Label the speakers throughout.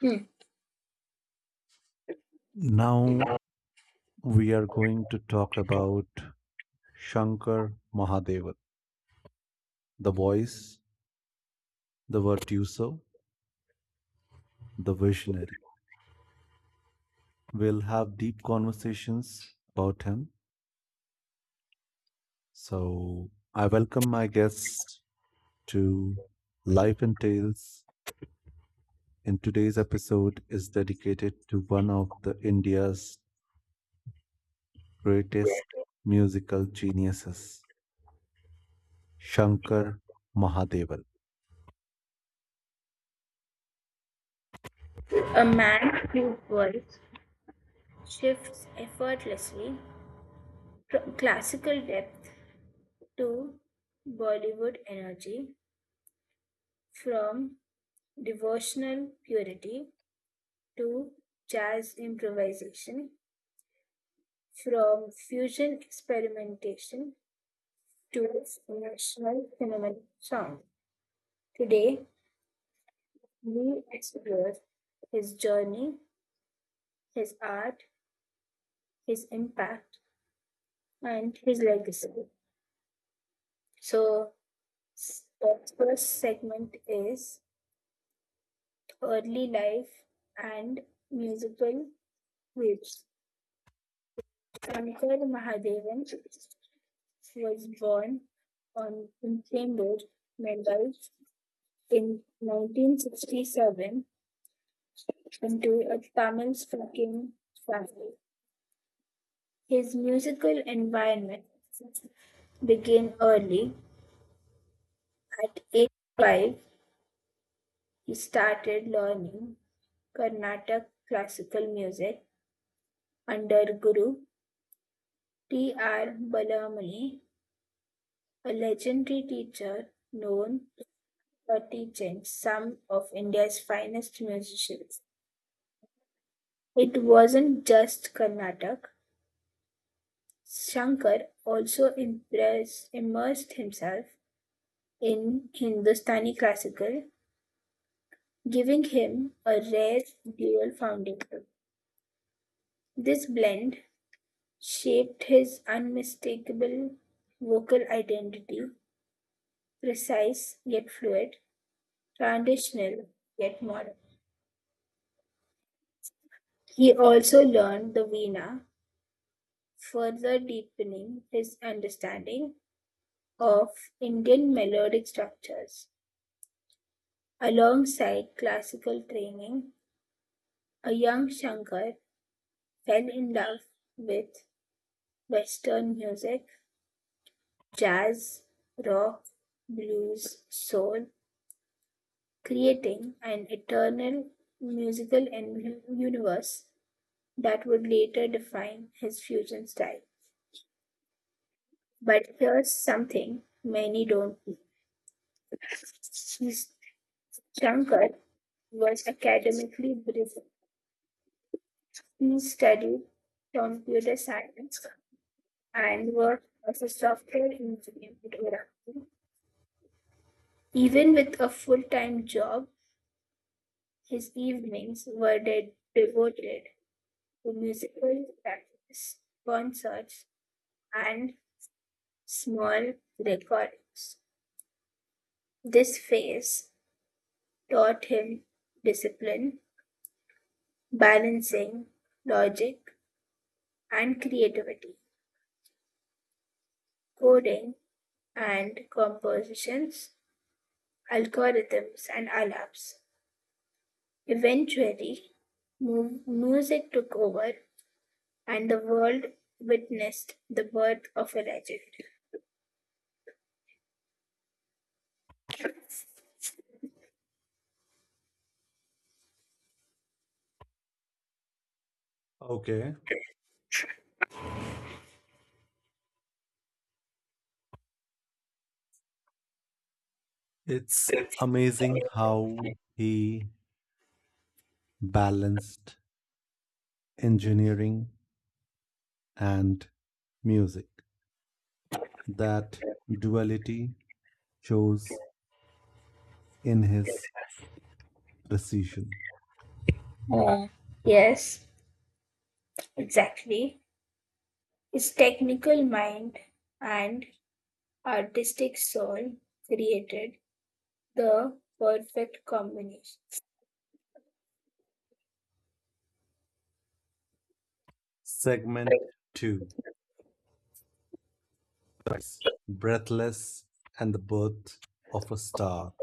Speaker 1: Hmm.
Speaker 2: Now we are going to talk about Shankar Mahadevan, the voice, the virtuoso, the visionary. We'll have deep conversations about him. So I welcome my guest to Life and Tales. And today's episode is dedicated to one of the India's greatest musical geniuses, Shankar Mahadevan.
Speaker 1: A man whose voice shifts effortlessly from classical depth to Bollywood energy, from devotional purity to jazz improvisation, from fusion experimentation to national phenomenal sound. Today, we explore his journey, his art, his impact, and his legacy. So, the first segment is early life and musical waves. Shankar Mahadevan was born on in Chembur, Mumbai, in 1967 into a Tamil speaking family. His musical environment began early. At age 5, he started learning Carnatic classical music under Guru T. R. Balamani, a legendary teacher known for teaching some of India's finest musicians. It wasn't just Karnataka. Shankar also immersed himself in Hindustani classical, giving him a rare dual founding. This blend shaped his unmistakable vocal identity, precise yet fluid, traditional, yet modern. He also learned the Veena, further deepening his understanding of Indian melodic structures. Alongside classical training, a young Shankar fell in love with Western music, jazz, rock, blues, soul, creating an eternal musical universe that would later define his fusion style. But here's something many don't know. Shankar was academically brilliant. He studied computer science and worked as a software engineer at Oracle. Even with a full time job, his evenings were devoted to musical practice, concerts, and small recordings. This phase taught him discipline, balancing logic and creativity, coding and compositions, algorithms and alarms. Eventually, music took over and the world witnessed the birth of a legend.
Speaker 2: Okay. It's amazing how he balanced engineering and music. That duality shows in his precision.
Speaker 1: Yes, exactly. His technical mind and artistic soul created the perfect combination.
Speaker 2: Segment 2: Rise, Breathless and the Birth of a Star.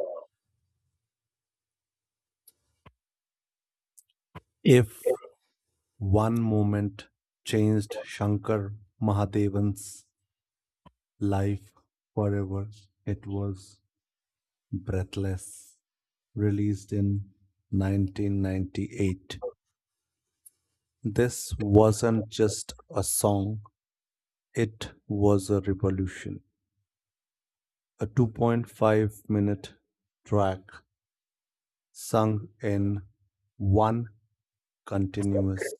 Speaker 2: If one moment changed Shankar Mahadevan's life forever, it was breathless, released in 1998. This wasn't just a song, it was a revolution. A 2.5-minute track sung in one continuous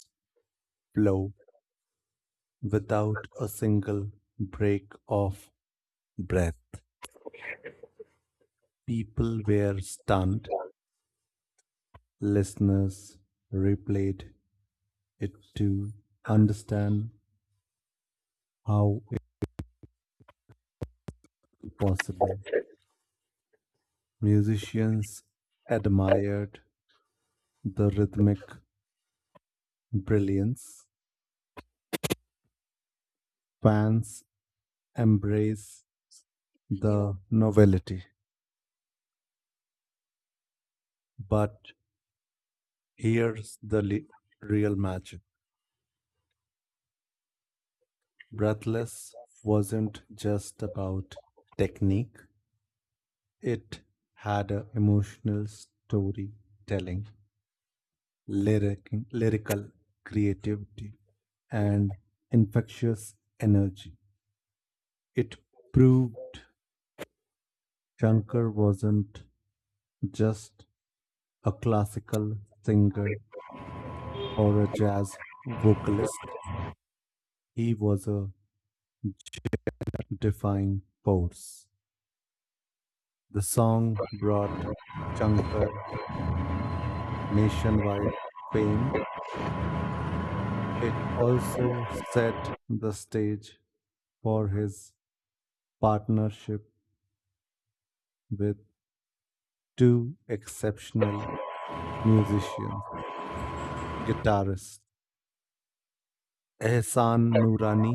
Speaker 2: flow without a single break of breath. People were stunned. Listeners replayed it to understand how it was possible. Musicians admired the rhythmic brilliance, fans embrace the novelty. But here's the real magic. Breathless wasn't just about technique, it had an emotional storytelling, lyrical creativity, and infectious energy. It proved Shankar wasn't just a classical singer or a jazz vocalist. He was a defining force. The song brought Shankar nationwide fame. It also set the stage for his partnership with two exceptional musicians, guitarist Ehsan Nurani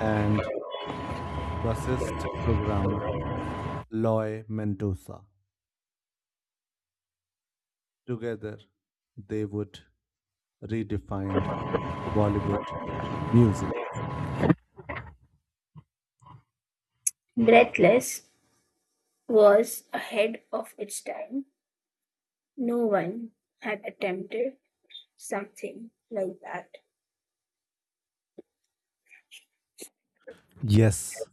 Speaker 2: and bassist programmer Loy Mendoza. Together, they would redefine Bollywood music.
Speaker 1: Breathless was ahead of its time. No one had attempted something like that.
Speaker 2: Yes,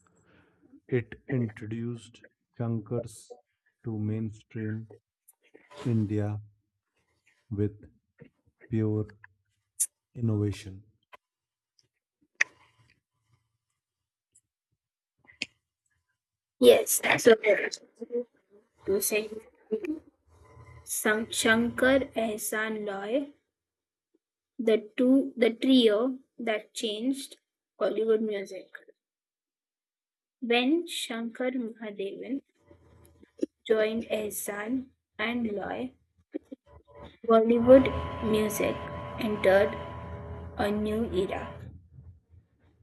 Speaker 2: it introduced Shankars to mainstream India with pure innovation.
Speaker 1: Yes, so a very using Shankar Ehsan Loy, the trio that changed Bollywood music. When Shankar Mahadevan joined Ehsan and Loy, Bollywood music entered a new era.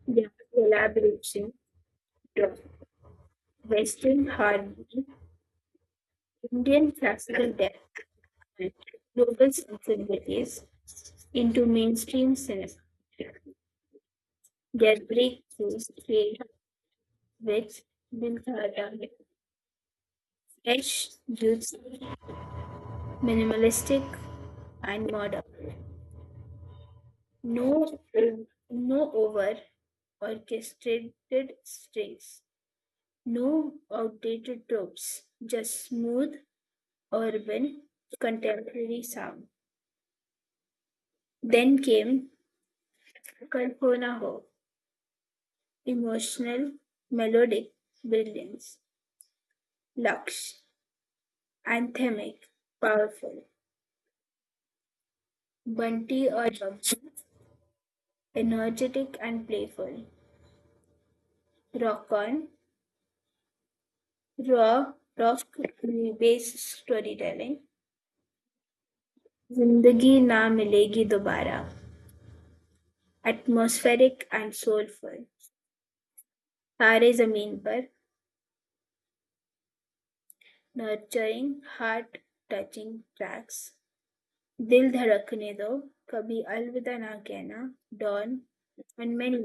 Speaker 1: Their collaboration brought Western harmony, Indian classical depth, global sensibilities into mainstream cinema. Their breakthroughs filled with Bill Carter, Ash Jude's minimalistic and modern. No, no over orchestrated strings, no outdated tropes, just smooth, urban, contemporary sound. Then came Kalpana Ho, emotional, melodic, brilliant, lush, anthemic, powerful. Bunty or Jobson, energetic and playful. Rock on, raw, rock based storytelling. जिंदगी ना मिलेगी दोबारा, atmospheric and soulful, तारे जमीन पर, nurturing heart, touching tracks, दिल धड़कने दो, कभी Alvida Naa Kehna, Don and many.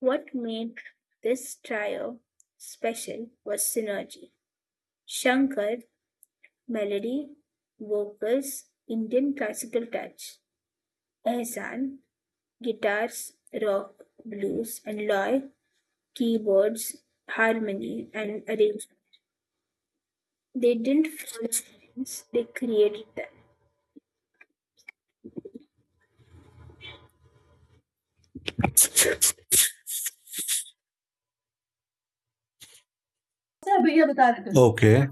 Speaker 1: What made this trio special was synergy. Shankar, melody, vocals, Indian classical touch. Ehsan, guitars, rock, blues, and Loy, keyboards, harmony, and arrangement. They didn't follow trends, they created them.
Speaker 2: Okay,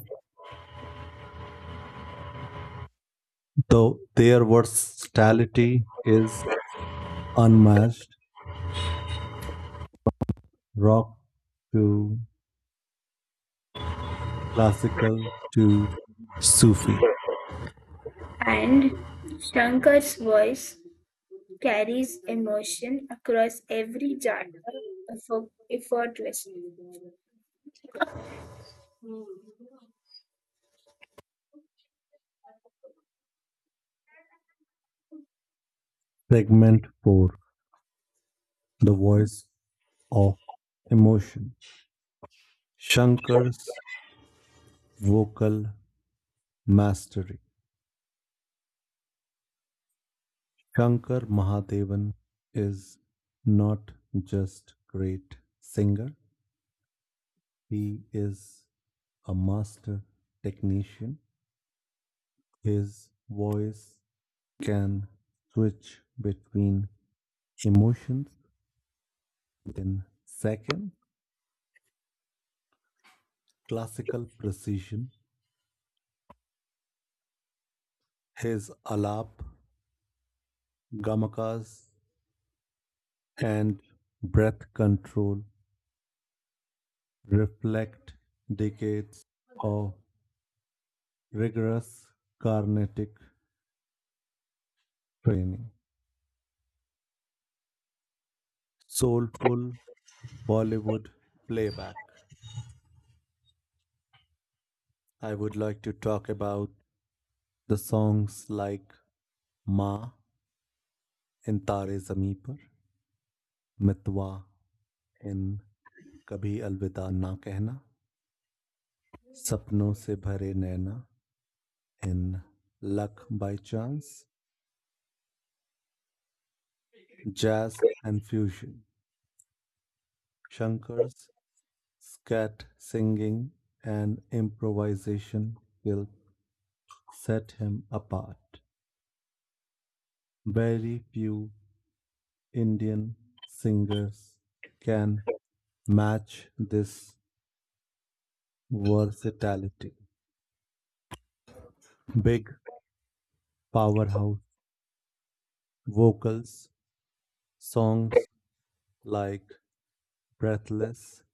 Speaker 2: so their versatility is unmatched, rock to classical to Sufi.
Speaker 1: And Shankar's voice carries emotion across every genre effortlessly.
Speaker 2: Segment 4: The Voice of Emotion. Shankar's vocal mastery. Shankar Mahadevan is not just great singer, he is a master technician. His voice can switch between emotions in seconds. Classical precision. His alap, gamakas, and breath control reflect decades of rigorous carnatic training. Soulful Bollywood playback. I would like to talk about the songs like Ma in Tare Zameen Par, Mitwa in Kabhi Alvida Na Kehna, Sapno Se Bhare Naina in Luck by Chance, Jazz and Fusion. Shankar's scat singing and improvisation will set him apart. Very few Indian singers can match this versatility. Big powerhouse vocals, songs like Breathless,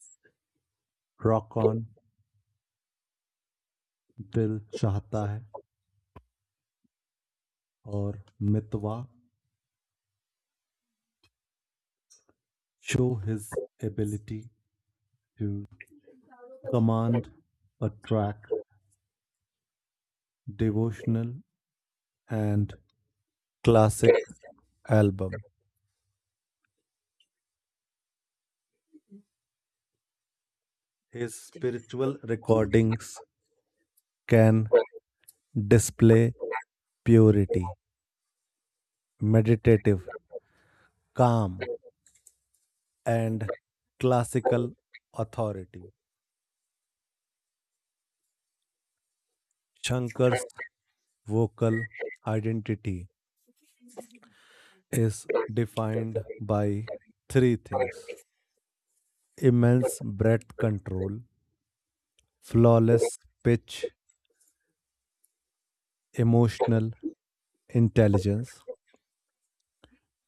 Speaker 2: Rock On, Dil Chahta Hai, or Mitwa show his ability to command a track, devotional and classic album. His spiritual recordings can display purity, meditative, calm, and classical authority. Shankar's vocal identity is defined by three things: immense breath control, flawless pitch, emotional intelligence.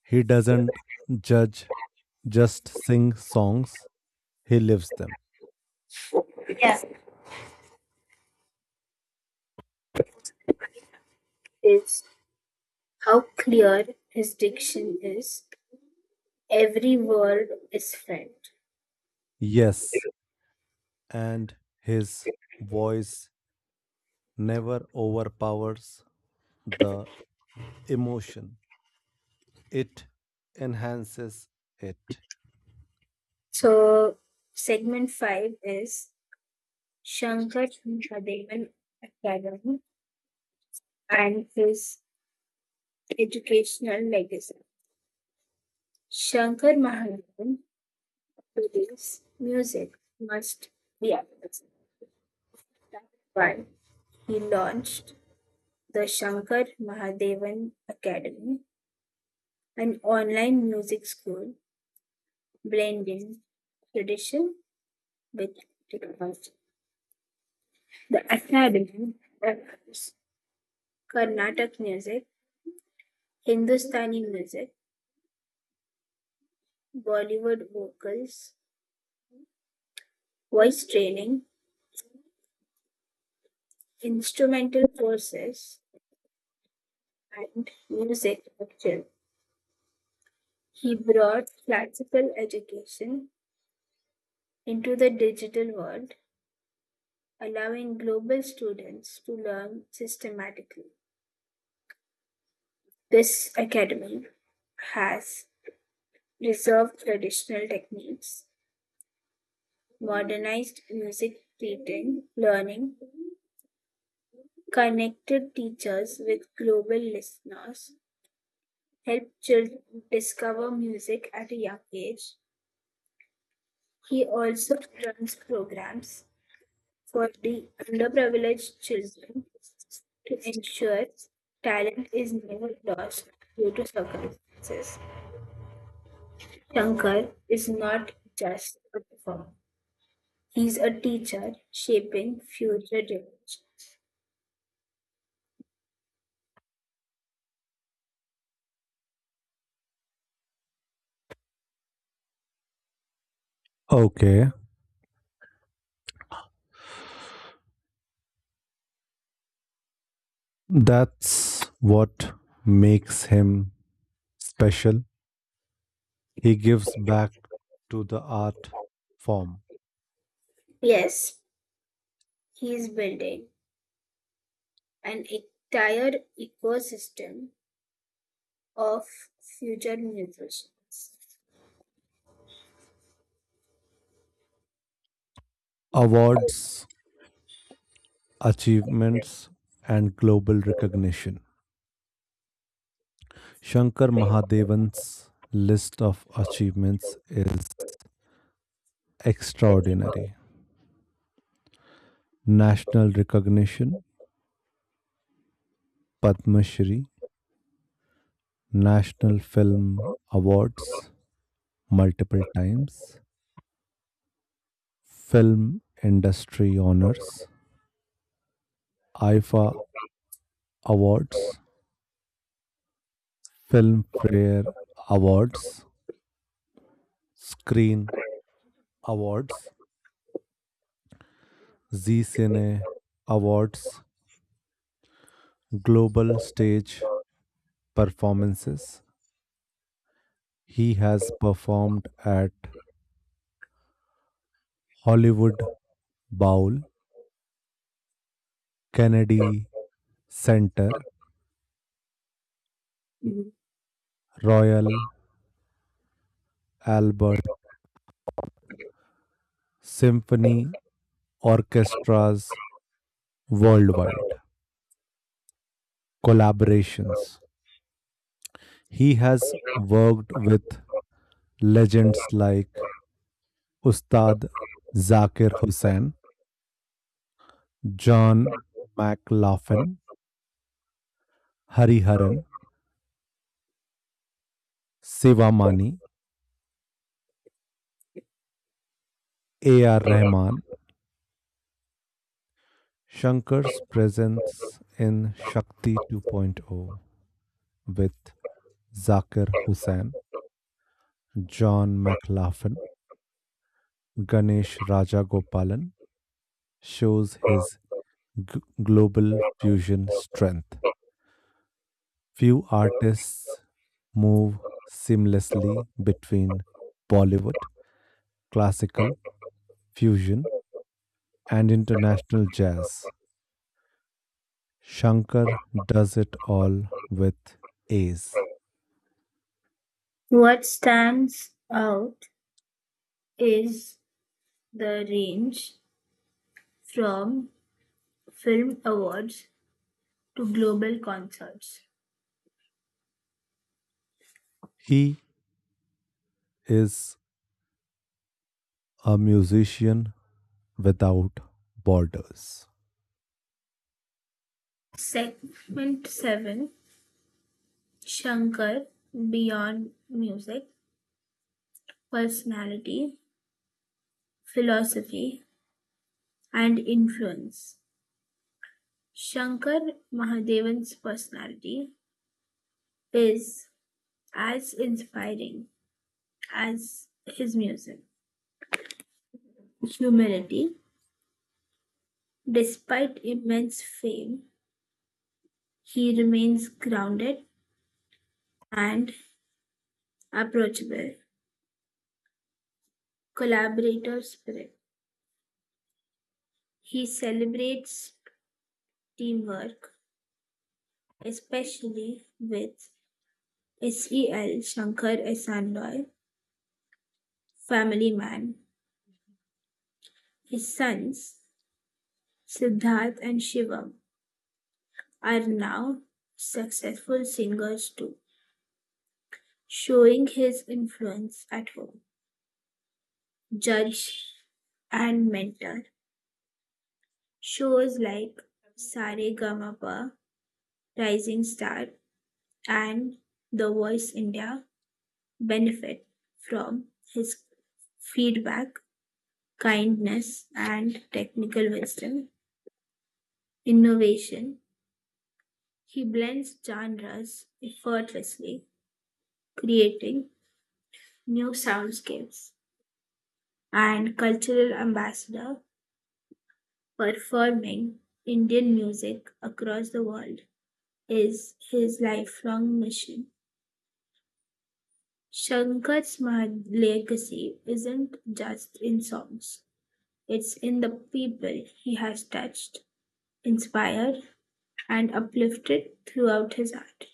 Speaker 2: He doesn't judge, just sing songs, he lives them.
Speaker 1: Is how clear his diction is. Every word is felt.
Speaker 2: Yes, and his voice never overpowers the emotion, it enhances it.
Speaker 1: So, segment five is Shankar Mahadevan Academy and his educational legacy. Shankar Mahadevan believes music must be arts. That's why he launched the Shankar Mahadevan Academy, an online music school blending tradition with technology. The academy offers Carnatic music, Hindustani music, Bollywood vocals, voice training, instrumental courses, and music lecture. He brought classical education into the digital world, allowing global students to learn systematically. This academy has preserved traditional techniques, modernized music teaching, learning, connected teachers with global listeners, helped children discover music at a young age. He also runs programs for the underprivileged children to ensure talent is never lost due to circumstances. Shankar is not just a performer. He's a teacher shaping future jobs.
Speaker 2: Okay, that's what makes him special. He gives back to the art form.
Speaker 1: Yes, he is building an entire ecosystem of future musicians.
Speaker 2: Awards, achievements, and global recognition. Shankar Mahadevan's list of achievements is extraordinary. National recognition, Padma Shri, National Film Awards multiple times, Film Industry Honors, IFA Awards, Filmfare Awards, Screen Awards, Z Cine Awards, Global Stage Performances. He has performed at Hollywood Bowl, Kennedy Center,
Speaker 1: Mhm.
Speaker 2: Royal Albert Symphony Orchestra's worldwide. Collaborations. He has worked with legends like Ustad Zakir Hussain, John McLaughlin, Hariharan, Sivamani, A.R. Rahman. Shankar's presence in Shakti 2.0 with Zakir Hussain, John McLaughlin, Ganesh Rajagopalan shows his global fusion strength. Few artists move seamlessly between Bollywood, classical, fusion, and international jazz. Shankar does it all with ease.
Speaker 1: What stands out is the range from film awards to global concerts.
Speaker 2: He is a musician without borders.
Speaker 1: Segment 7, Shankar beyond music, personality, philosophy, and influence. Shankar Mahadevan's personality is as inspiring as his music. Humility, despite immense fame, he remains grounded and approachable. Collaborator spirit. He celebrates teamwork, especially with SEL, Shankar Esanloy, family man. His sons, Siddharth and Shivam, are now successful singers too, showing his influence at home. Judge and mentor shows like Sare Gamapa, Rising Star, and the Voice India benefit from his feedback, kindness, and technical wisdom. Innovation. He blends genres effortlessly, creating new soundscapes, and cultural ambassador performing Indian music across the world is his lifelong mission. Shankar's legacy isn't just in songs. It's in the people he has touched, inspired, and uplifted throughout his art.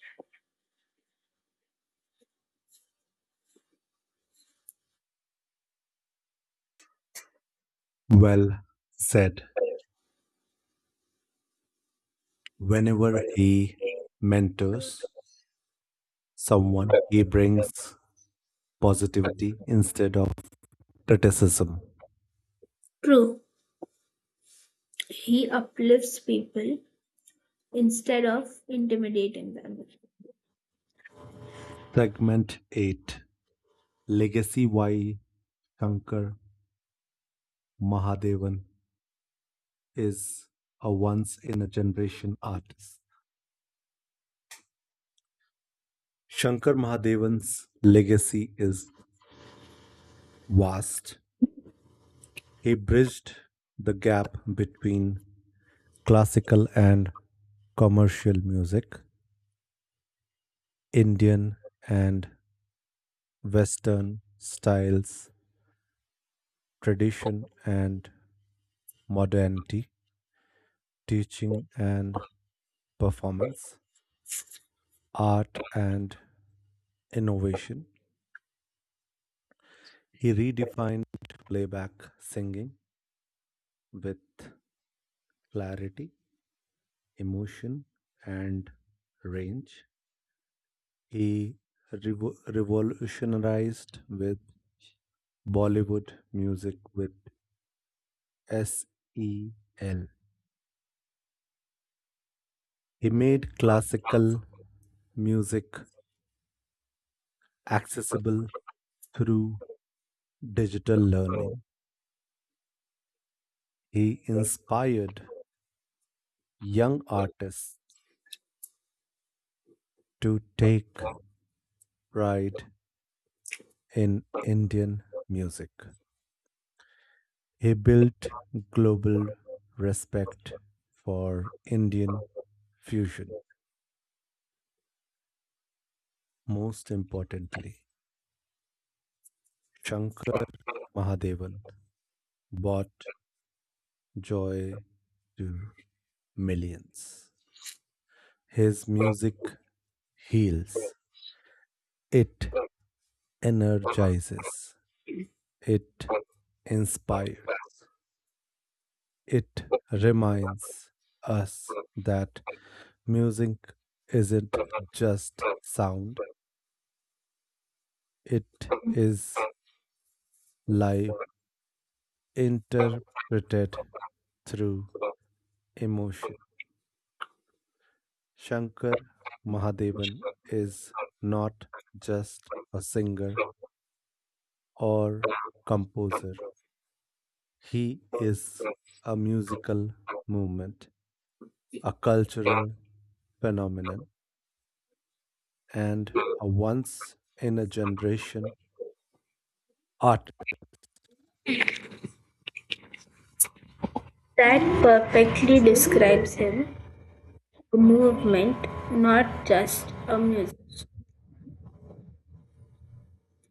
Speaker 2: Well said. Whenever he mentors someone, he brings positivity instead of criticism.
Speaker 1: True, he uplifts people instead of intimidating them.
Speaker 2: Segment 8: Legacy. Y Shankar Mahadevan is a once in a generation artist. Shankar Mahadevan's legacy is vast. He bridged the gap between classical and commercial music, Indian and Western styles, tradition and modernity, teaching and performance, art and innovation. He redefined playback singing with clarity, emotion, and range. He revolutionized with Bollywood music with SEL. He made classical music accessible through digital learning. He inspired young artists to take pride in Indian music. He built global respect for Indian fusion. Most importantly, Shankar Mahadevan brought joy to millions. His music heals, it energizes, it inspires, it reminds us that music isn't just sound, it is life interpreted through emotion. Shankar Mahadevan is not just a singer or composer, he is a musical movement, a cultural phenomenon, and a once in a generation art.
Speaker 1: That perfectly describes him, a movement, not just a music.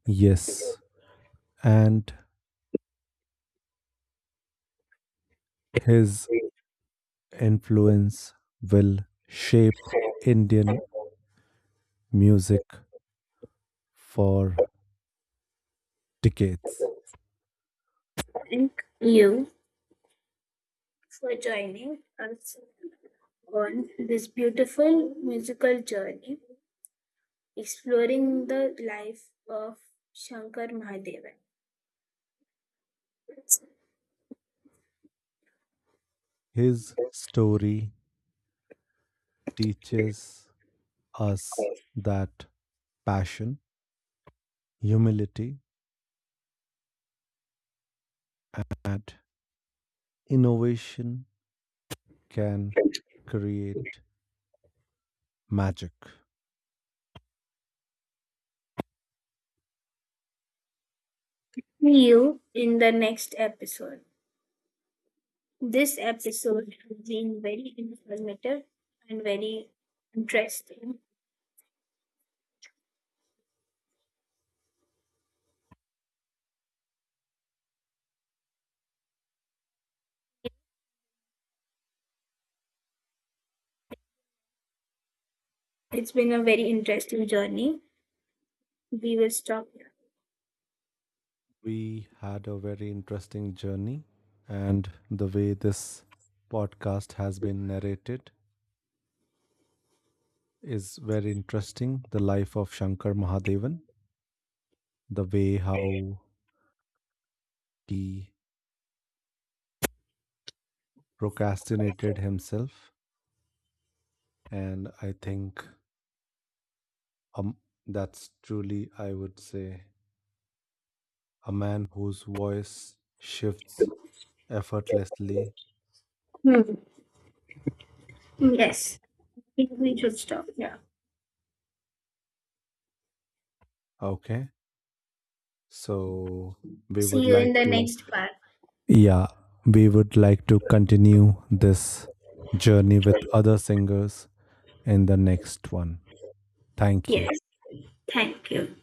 Speaker 2: Yes, and his influence will shape Indian music for decades.
Speaker 1: Thank you for joining us on this beautiful musical journey, exploring the life of Shankar Mahadevan.
Speaker 2: His story teaches us that passion, humility, and innovation can create magic.
Speaker 1: See you in the next episode. This episode has been very informative and very interesting. It's been a very interesting journey. We will stop
Speaker 2: We had a very interesting journey, and the way this podcast has been narrated is very interesting. The life of Shankar Mahadevan, the way how he procrastinated himself, and I think Um, that's truly, I would say, a man whose voice shifts effortlessly.
Speaker 1: here. Hmm. Yes. I think we should stop. Yeah.
Speaker 2: Okay. So we would
Speaker 1: See you
Speaker 2: like
Speaker 1: in the
Speaker 2: to,
Speaker 1: next part.
Speaker 2: yeah, we would like to continue this journey with other singers in the next one. Thank you.
Speaker 1: Yes. Thank you.